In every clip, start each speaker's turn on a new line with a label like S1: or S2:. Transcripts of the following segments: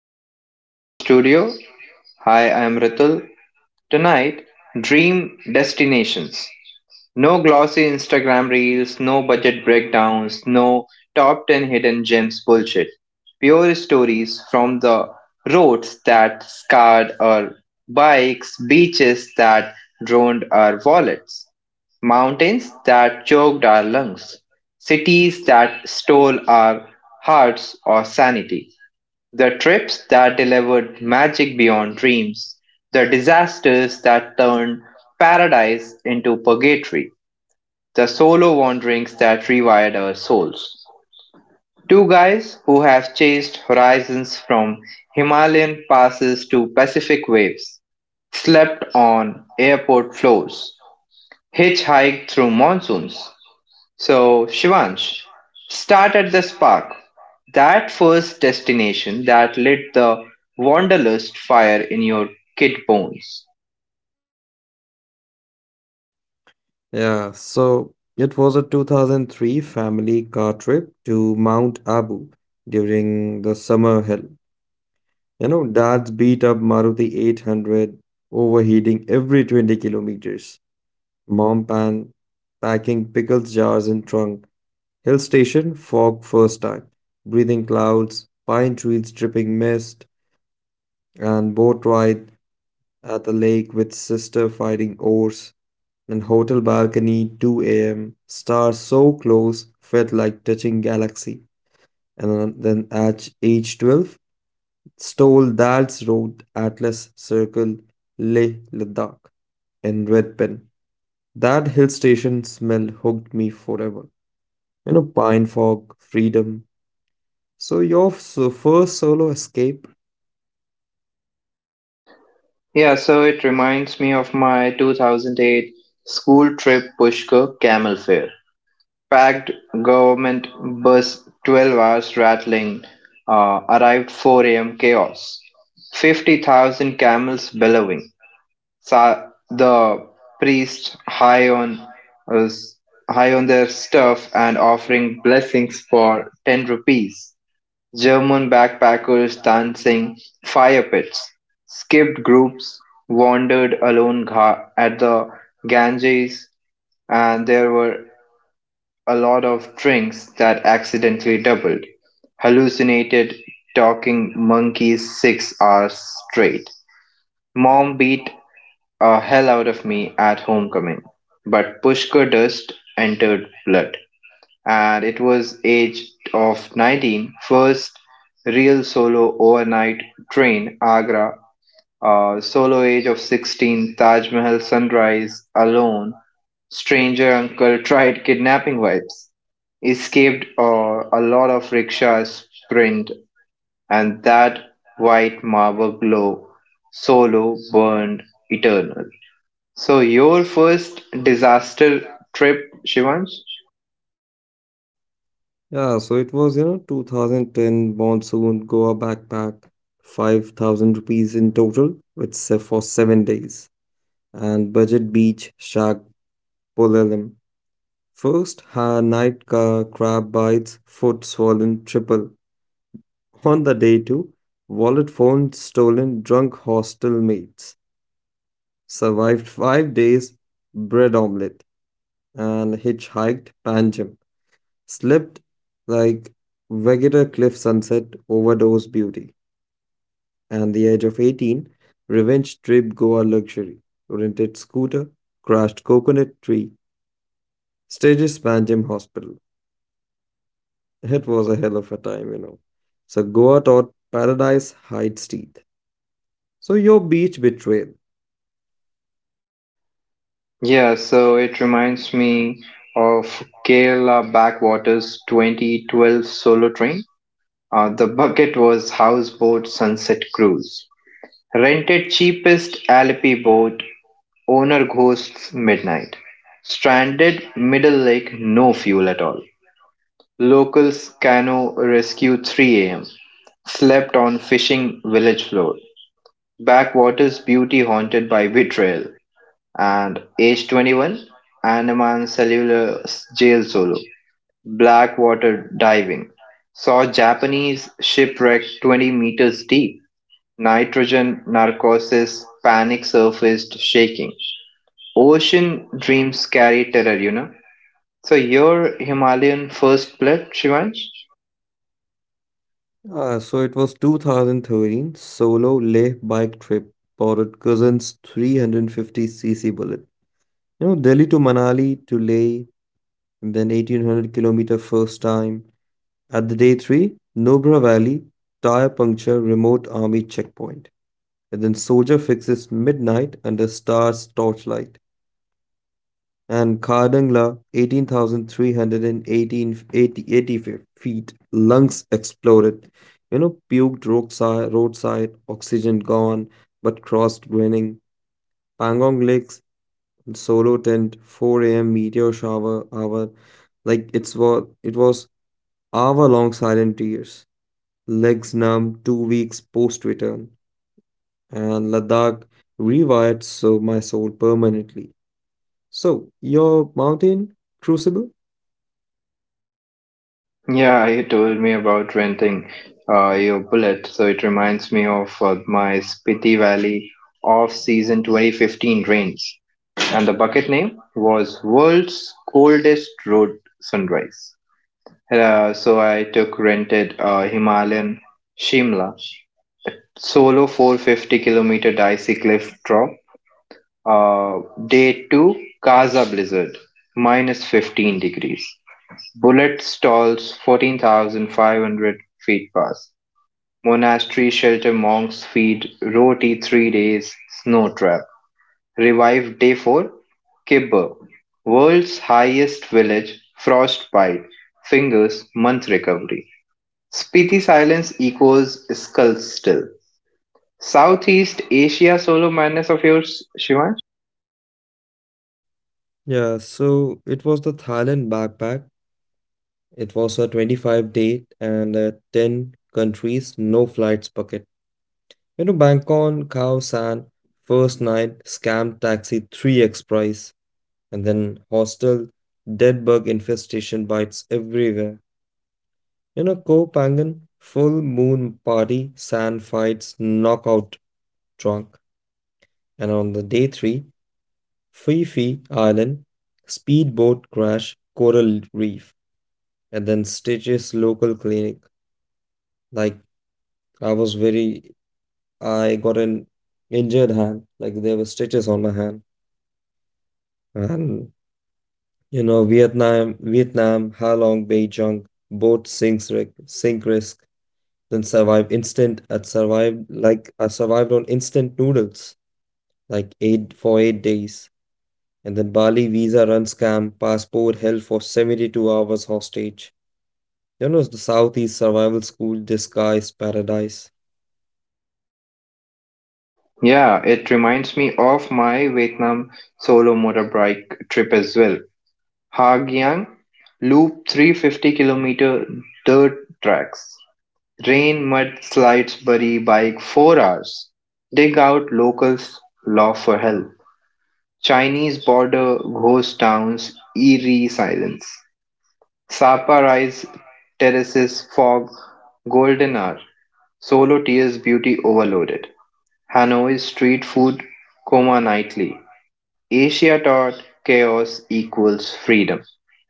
S1: Welcome to Ritul's studio. Hi, I'm Ritul. Tonight, dream destinations. No glossy Instagram reels, no budget breakdowns, no top 10 hidden gems bullshit. Pure stories from the roads that scarred our bikes, beaches that drowned our wallets, mountains that choked our lungs, cities that stole our hearts or sanity. The trips that delivered magic beyond dreams. The disasters that turned paradise into purgatory. The solo wanderings that rewired our souls. Two guys who have chased horizons from Himalayan passes to Pacific waves, slept on airport floors, hitchhiked through monsoons, so, Shivansh, start at the spark, that first destination that lit the wanderlust fire in your kid bones.
S2: Yeah, so it was a 2003 family car trip to Mount Abu during the summer hell. You know, dad's beat up Maruti 800 overheating every 20 kilometers. Mom pan packing pickles jars in trunk. Hill station fog first time. Breathing clouds, pine trees dripping mist, and boat ride at the lake with sister fighting oars. And hotel balcony 2 a.m. Stars so close felt like touching galaxy. And then at age 12, stole dad's road Atlas Circle Leh Ladakh in red pen. That hill station smell hooked me forever. You know, pine fog, freedom. So your first solo escape?
S1: Yeah, so it reminds me of my 2008 school trip Pushkar camel fare. Packed government bus 12 hours rattling, arrived 4 a.m. chaos. 50,000 camels bellowing, the priest high on uh, s- high on their stuff and offering blessings for 10 rupees. German backpackers dancing fire pits. Skipped groups wandered alone at the Ganges, and there were a lot of drinks that accidentally doubled. Hallucinated talking monkeys 6 hours straight. Mom beat a hell out of me at homecoming. But Pushkar Dust entered blood, and it was age of 19, first real solo overnight train, Agra, solo age of 16, Taj Mahal sunrise, alone, stranger uncle tried kidnapping vibes, escaped a lot of rickshaws sprint, and that white marble glow, solo burned eternal. So your first disaster trip, Shivansh?
S2: Yeah, so it was, you know, 2010 monsoon Goa backpack, 5,000 rupees in total with for 7 days. And budget beach shark polalem. First, her night crab bites, foot swollen triple. On the day two, wallet phone stolen, drunk hostel mates. Survived 5 days, bread omelette, and hitchhiked Panjim. Slept like Vegeta cliff sunset, overdose beauty. And the age of 18, revenge trip Goa luxury. Rented scooter, crashed coconut tree, Stages Panjim Hospital. It was a hell of a time. So Goa taught paradise hides teeth. So your beach betrayal.
S1: Yeah, so it reminds me of Kerala backwaters 2012 solo train. The bucket was houseboat sunset cruise. Rented cheapest Alleppey boat, owner ghosts midnight. Stranded middle lake, no fuel at all. Locals canoe rescue 3 a.m. Slept on fishing village floor. Backwater's beauty haunted by betrayal, and Age 21, Andaman Cellular Jail Solo, Blackwater Diving, saw Japanese shipwreck 20 meters deep, nitrogen narcosis, panic surfaced shaking. Ocean dreams carry terror. So your Himalayan first blood, Shivansh?
S2: Ah, so it was 2013 solo Leh bike trip borrowed cousin's 350cc bullet. You know, Delhi to Manali to Leh, and then 1,800 kilometer first time. At the day three, Nobra Valley tire puncture remote army checkpoint. And then soldier fixes midnight under stars torchlight. And Kardangla 18,380 feet, lungs exploded. You know, puked roadside, oxygen gone, but crossed grinning. Pangong Lakes, solo tent, 4 a.m. meteor shower hour. Like it was hour long silent tears. Legs numb, 2 weeks post return. And Ladakh rewired so my soul permanently. So, your mountain crucible?
S1: Yeah, you told me about renting your bullet, so it reminds me of my Spiti Valley off-season 2015 rains. And the bucket name was World's Coldest Road Sunrise. So I took rented Himalayan Shimla solo 450-kilometer dicey cliff drop. Uh, day two, Kaza blizzard, minus 15 degrees. Bullet stalls 14,500 feet pass; monastery shelter monks feed roti 3 days snow trap; revive day four; Kibber, world's highest village frostbite; fingers month recovery. Spiti silence echoes skull still. Southeast Asia solo madness of yours, Shivan?
S2: Yeah, so it was the Thailand backpack. It was a 25 date and 10 countries, no flights bucket. You know, Bangkok, Khao San, first night, scam taxi, 3x price, and then hostel, dead bug infestation bites everywhere. You know, Koh Phangan, full moon party, sand fights, knockout drunk. And on the day three, Phi Phi Island, speedboat crash, coral reef. And then Stitches local clinic. Like I was very, I got an injured hand. Like there were stitches on my hand, and you know Vietnam, Halong, Beijing, both sink risk. Then survive instant. I survived like I survived on instant noodles, like eight for 8 days. And then Bali visa run scam, passport held for 72 hours hostage. You know, the Southeast Survival School disguise paradise.
S1: Yeah, it reminds me of my Vietnam solo motorbike trip as well. Hagyang loop 350-kilometer dirt tracks, rain, mud, slides, bury bike 4 hours, dig out locals law for help. Chinese border ghost towns, eerie silence. Sapa rise, terraces, fog, golden hour, solo tears, beauty overloaded. Hanoi street food, coma nightly. Asia taught chaos equals freedom.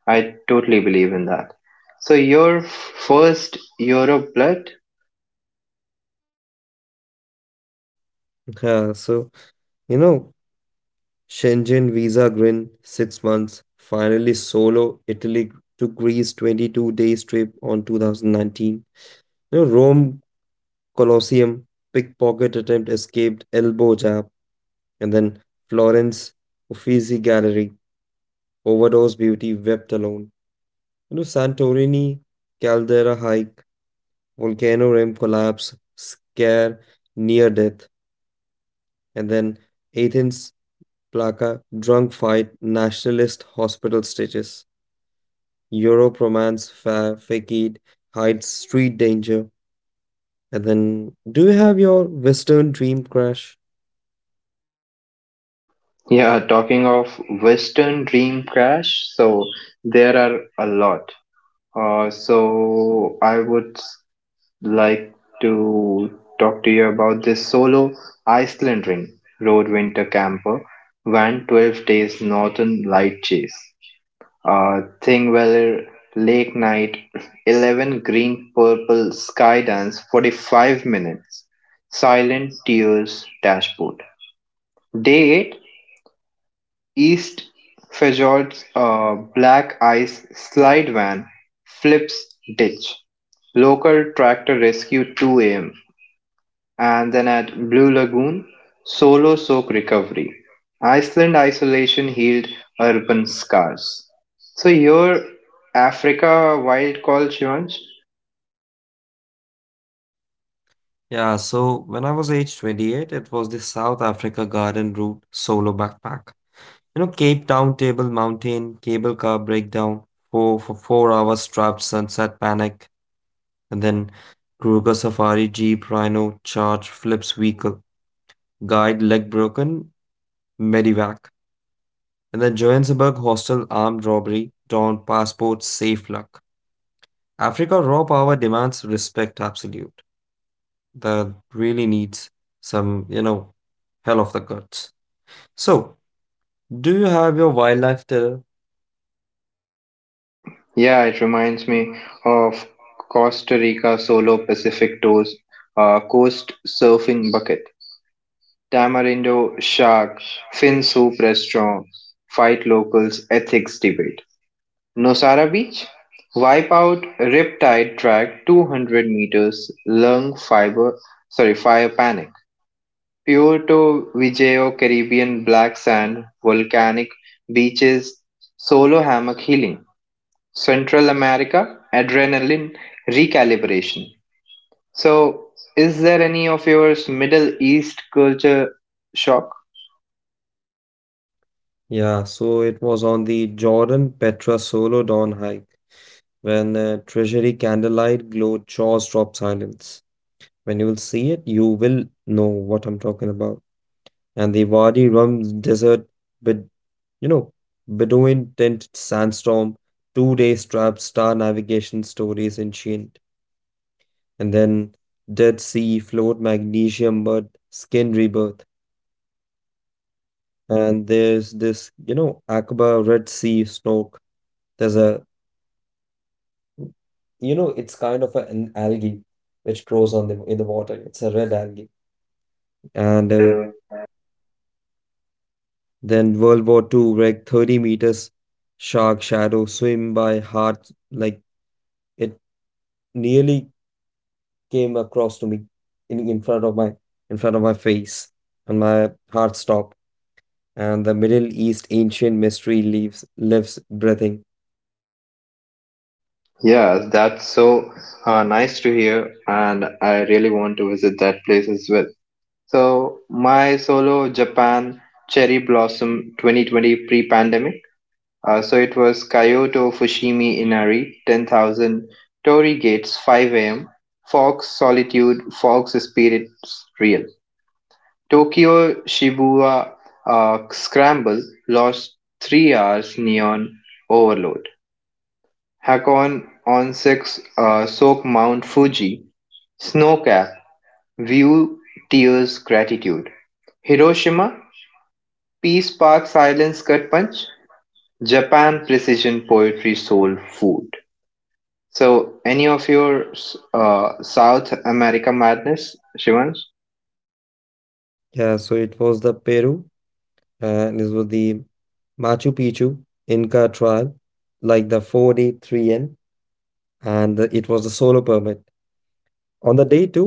S1: I totally believe in that. So your first Europe blood?
S2: Yeah, so you know, Shenzhen visa grin, 6 months, finally solo, Italy to Greece, 22 days trip on 2019. You know, Rome Colosseum, pickpocket attempt escaped, elbow jab, and then Florence Uffizi Gallery, overdose beauty wept alone. You know, Santorini caldera hike, volcano rim collapse, scare near death, and then Athens Plaka, drunk fight, nationalist hospital stitches. Europe romance, Fakid, hides street danger. And then, do you have your Western dream crash?
S1: Yeah, talking of Western dream crash, so there are a lot. So I would like to talk to you about this solo Iceland ring road winter camper van 12 days northern light chase. Thing Weller, Lake Night, 11 Green Purple Sky Dance, 45 minutes, Silent Tears Dashboard. Day 8 East Fjords Black Ice Slide Van Flips Ditch. Local Tractor Rescue 2 a.m, and then at Blue Lagoon, solo soak recovery. Iceland isolation healed urban scars. So your Africa wild call, Shivansh?
S2: Yeah, so when I was age 28, it was the South Africa Garden Route solo backpack. You know, Cape Town, Table Mountain, cable car breakdown, 4 hours trapped sunset panic, and then Kruger Safari Jeep Rhino charge flips vehicle, guide leg broken, medivac. In the Johannesburg hostel, armed robbery, torn passports, safe luck. Africa raw power demands respect absolute. That really needs some hell of the guts. So, do you have your wildlife terror?
S1: Yeah, it reminds me of Costa Rica solo Pacific tours, coast surfing bucket, tamarindo shark, fin soup restaurant, fight locals ethics debate. Nosara Beach? Wipe out Riptide Track 200 meters lung fiber, sorry, fire panic. Puerto Viejo Caribbean black sand volcanic beaches, solo hammock healing. Central America adrenaline recalibration. So, is there any of yours Middle East culture shock?
S2: Yeah, so it was on the Jordan Petra Solo Dawn hike when treasury candlelight glowed jaws drop silence. When you will see it, you will know what I'm talking about. And the Wadi Rum desert with, you know, Bedouin tent sandstorm, 2 day trap star navigation stories ancient, and then Dead Sea float magnesium mud skin rebirth, and there's this, you know, Aqaba Red Sea snork. There's a, you know, It's kind of an algae which grows on the in the water. It's a red algae, and
S1: And then
S2: then World War II, like 30 meters shark shadow swim by heart like. It nearly came across to me in front of my in front of my face and my heart stopped and the Middle East ancient mystery leaves lives breathing.
S1: yeah, that's so nice to hear, and I really want to visit that place as well. So my solo Japan Cherry Blossom 2020 pre-pandemic. So it was Kyoto Fushimi Inari 10,000 Torii Gates 5 a.m. Fox Solitude Fox Spirits Real Tokyo Shibuya Scramble lost 3 hours neon overload. Hakon on six soak Mount Fuji snowcap view tears gratitude. Hiroshima Peace Park Silence Gut Punch, Japan Precision Poetry Soul Food. So, any of your South America madness, Shivansh?
S2: Yeah, so it was the Peru, and this was the Machu Picchu Inca Trial, like the 4D3N, and it was a solo permit. On the day two,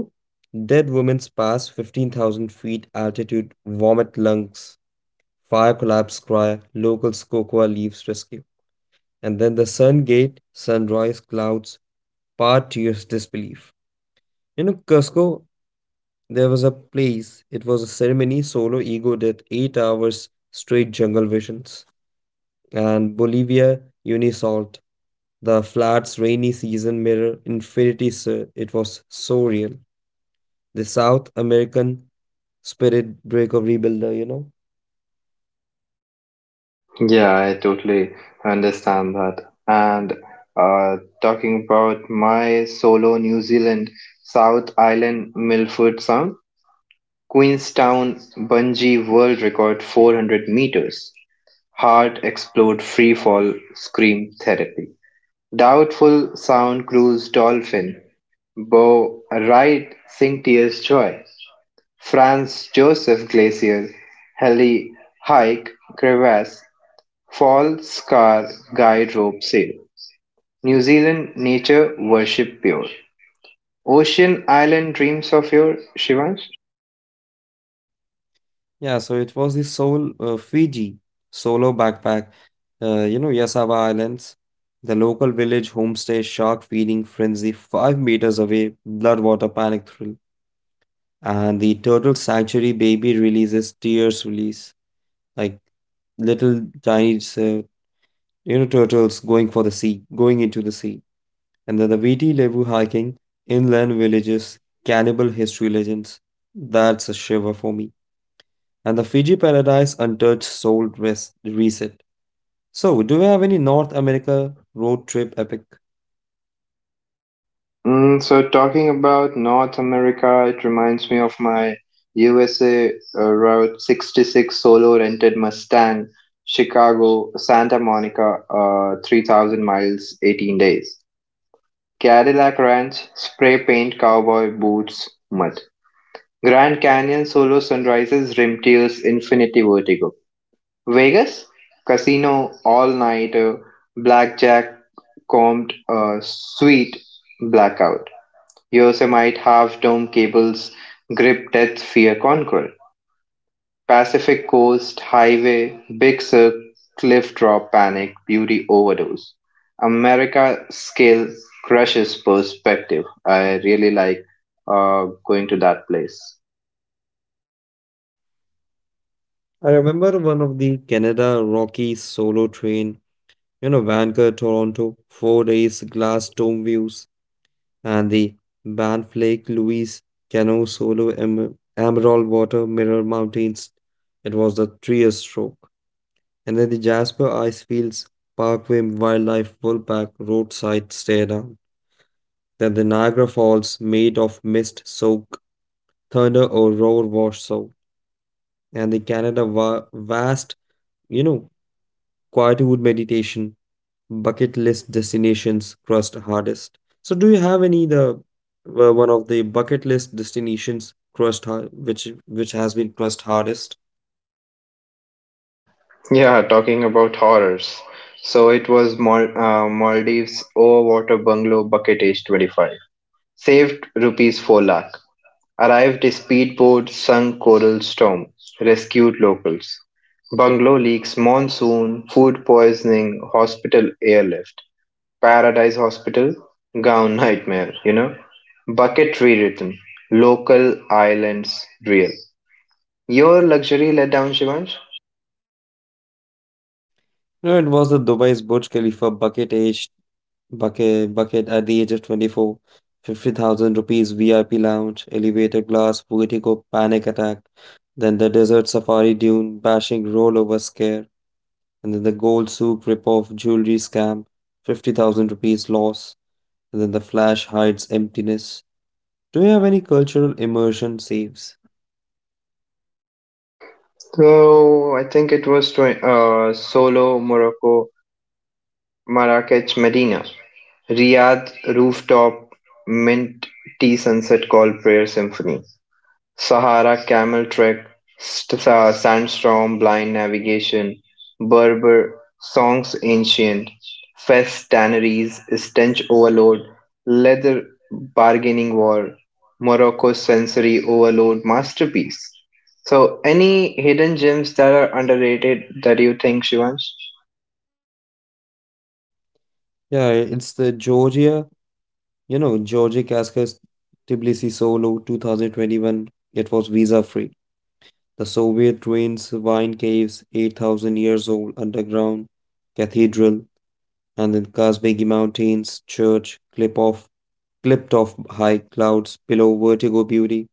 S2: dead women's pass 15,000 feet altitude, vomit lungs fire collapse cry, locals cocoa leaves rescue. And then the sun gate, sunrise, clouds, part to your disbelief. You know, Cusco, there was a place, it was a ceremony, solo ego did 8 hours straight jungle visions. And Bolivia, Unisalt, the flats rainy season mirror, infinity, sir, it was so real. The South American spirit breaker rebuilder, you know.
S1: Yeah, I totally understand that. And uh, talking about my solo New Zealand South Island Milford Sound, Queenstown Bungee World Record 400 meters, heart explode free fall scream therapy. Doubtful sound cruise Dolphin, Beau Right Sing Tears Joy, Franz Joseph Glacier, Heli Hike Crevasse, Fall Scar Guide Rope Sail, New Zealand Nature Worship Pure, Ocean Island Dreams of Your Shivansh.
S2: Yeah, so it was the Sol Fiji solo backpack. You know, Yasawa Islands, the local village homestay shark feeding frenzy 5 meters away, blood water panic thrill, and the turtle sanctuary baby releases tears release like little tiny turtles going for the sea, going into the sea, and then the Viti Levu hiking inland villages, cannibal history legends. That's a shiver for me and the Fiji Paradise Untouched Soul Rest Reset. So, do you have any North America road trip epic?
S1: Mm, so talking about North America, it reminds me of my USA Route 66 solo rented Mustang, Chicago, Santa Monica, 3,000 miles, 18 days. Cadillac Ranch, spray paint, cowboy boots, mud. Grand Canyon solo sunrises, rim tears, infinity vertigo. Vegas, casino, all nighter, blackjack, combed, sweet, blackout. Yosemite Half-Dome Cable's Grip Death Fear Conquer, Pacific Coast Highway, Big Sur Cliff Drop Panic Beauty Overdose, America Scale Crushes Perspective. I really like going to that place.
S2: I remember one of the Canada Rockies solo train, you know, Vancouver, Toronto, 4 days glass dome views, and the Banff Lake Louise Cano solo Emerald Water Mirror Mountains. It was the three stroke. And then the Jasper Ice Fields Parkway Wildlife Wolfpack roadside stare down. That the Niagara Falls, made of mist, soak, thunder, or roar, wash so, and the Canada vast, you know, quietude meditation, bucket list destinations crushed hardest. So, do you have any the one of the bucket list destinations crushed hard, which has been crushed hardest?
S1: Yeah, talking about horrors. So it was Maldives Overwater Bungalow Bucket Age 25. Saved rupees 4 lakh. Arrived speedboat sunk Coral Storm, rescued locals. Bungalow leaks monsoon, food poisoning, hospital airlift. Paradise Hospital, gown nightmare. Bucket rewritten, local islands real. Your luxury letdown, Shivansh?
S2: No, it was the Dubai's Burj Khalifa bucket at the age of 24, 50,000 rupees VIP lounge, elevator glass, poetico panic attack, then the desert safari dune, bashing rollover scare, and then the gold soup ripoff jewelry scam, 50,000 rupees loss, and then the flash hides emptiness. Do you have any cultural immersion saves?
S1: So I think it was Solo, Morocco, Marrakech, Medina, Riyadh, rooftop, mint tea sunset called prayer symphony. Sahara Camel Trek, Sandstorm, Blind Navigation, Berber, Songs Ancient, Fest Tanneries, Stench Overload, Leather Bargaining War, Morocco's Sensory Overload Masterpiece. So, any hidden gems that are underrated that you think, Shivansh?
S2: Yeah, it's the Georgia, you know, Georgia Cascas Tbilisi Solo 2021. It was visa free. The Soviet ruins, wine caves, 8,000 years old underground cathedral, and the Kazbegi Mountains church, clipped off high clouds, below vertigo beauty,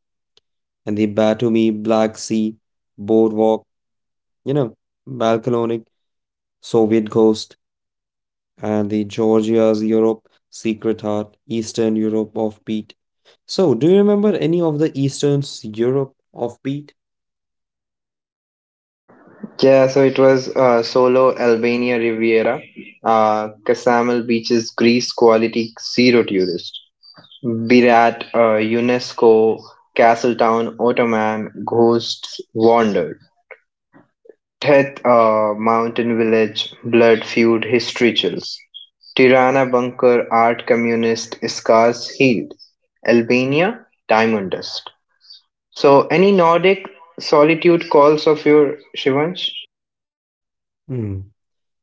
S2: and the Batumi Black Sea boardwalk, you know, Balkanonic Soviet ghost, and the Georgia's Europe secret heart, Eastern Europe offbeat. So, do you remember any of the Eastern Europe offbeat?
S1: Yeah, so it was Solo, Albania Riviera, Casamel Beaches, Greece, quality, zero tourist. Birat, UNESCO, Castletown, Ottoman, Ghosts Wandered, Teth Mountain Village, Blood Feud History Chills, Tirana Bunker, Art Communist, Scars Healed, Albania, Diamond Dust. So, any Nordic solitude calls of your Shivansh?
S2: Hmm.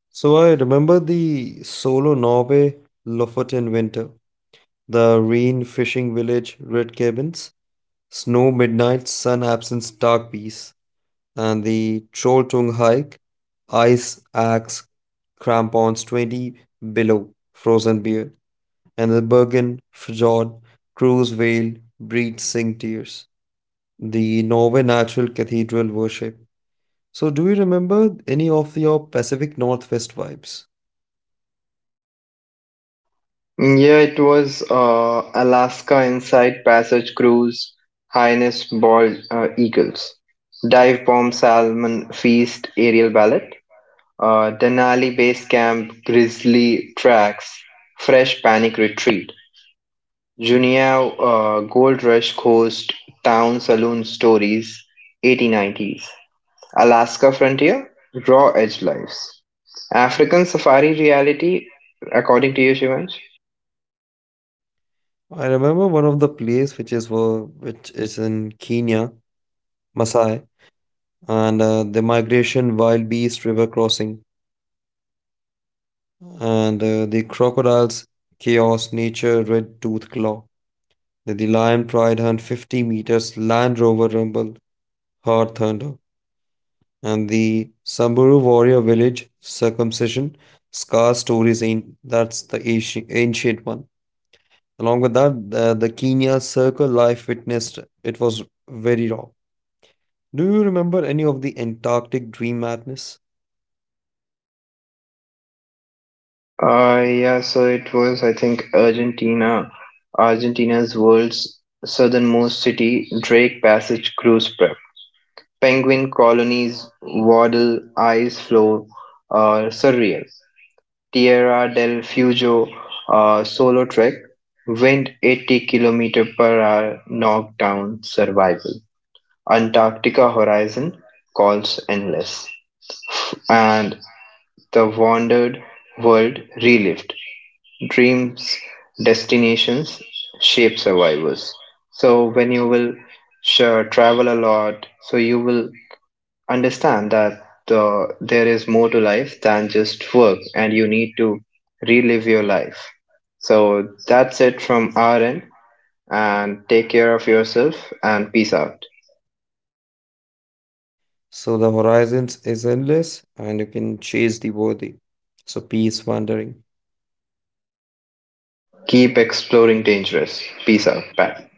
S2: So I remember the Solo Norway, Lofoten in winter, the rain fishing village, red cabins, snow midnight, sun absence, dark peace, and the Trolltung hike, ice axe, crampons 20 below, frozen beer, and the Bergen Fjord, cruise veil, breed sing tears, the Norway natural cathedral worship. So do you remember any of your Pacific Northwest vibes?
S1: Yeah, it was Alaska Inside Passage Cruise, Highness Bald Eagles, Dive Bomb Salmon Feast Aerial Ballet, Denali Base Camp Grizzly Tracks, Fresh Panic Retreat, Junia Gold Rush Coast Town Saloon Stories 1890s, Alaska Frontier, Raw Edge Lives. African Safari Reality, according to you, Shivansh?
S2: I remember one of the place which is in Kenya, Maasai, and the migration wild beast river crossing, and the crocodiles chaos nature red tooth claw. The lion pride hunt 50 meters Land Rover rumble heart thunder, and the Samburu warrior village circumcision scar stories in that's the ancient, ancient one. Along with that, the Kenya circle life witnessed it was very raw. Do you remember any of the Antarctic dream madness?
S1: Yeah, so it was, I think, Argentina, Argentina's world's southernmost city, Drake Passage cruise prep. Penguin colonies, Waddle, Ice Floe, Surreal, Tierra del Fuego, Solo Trek, Wind 80 kilometer per hour, Knockdown, Survival, Antarctica Horizon, Calls Endless, and The Wandered World Relived. Dreams, destinations shape survivors. So when you will sure, travel a lot, so you will understand that there is more to life than just work, and you need to relive your life. So that's it from our end, and take care of yourself and peace out.
S2: So the horizons is endless and you can chase the worthy. So peace wandering.
S1: Keep exploring dangerous. Peace out. Bye.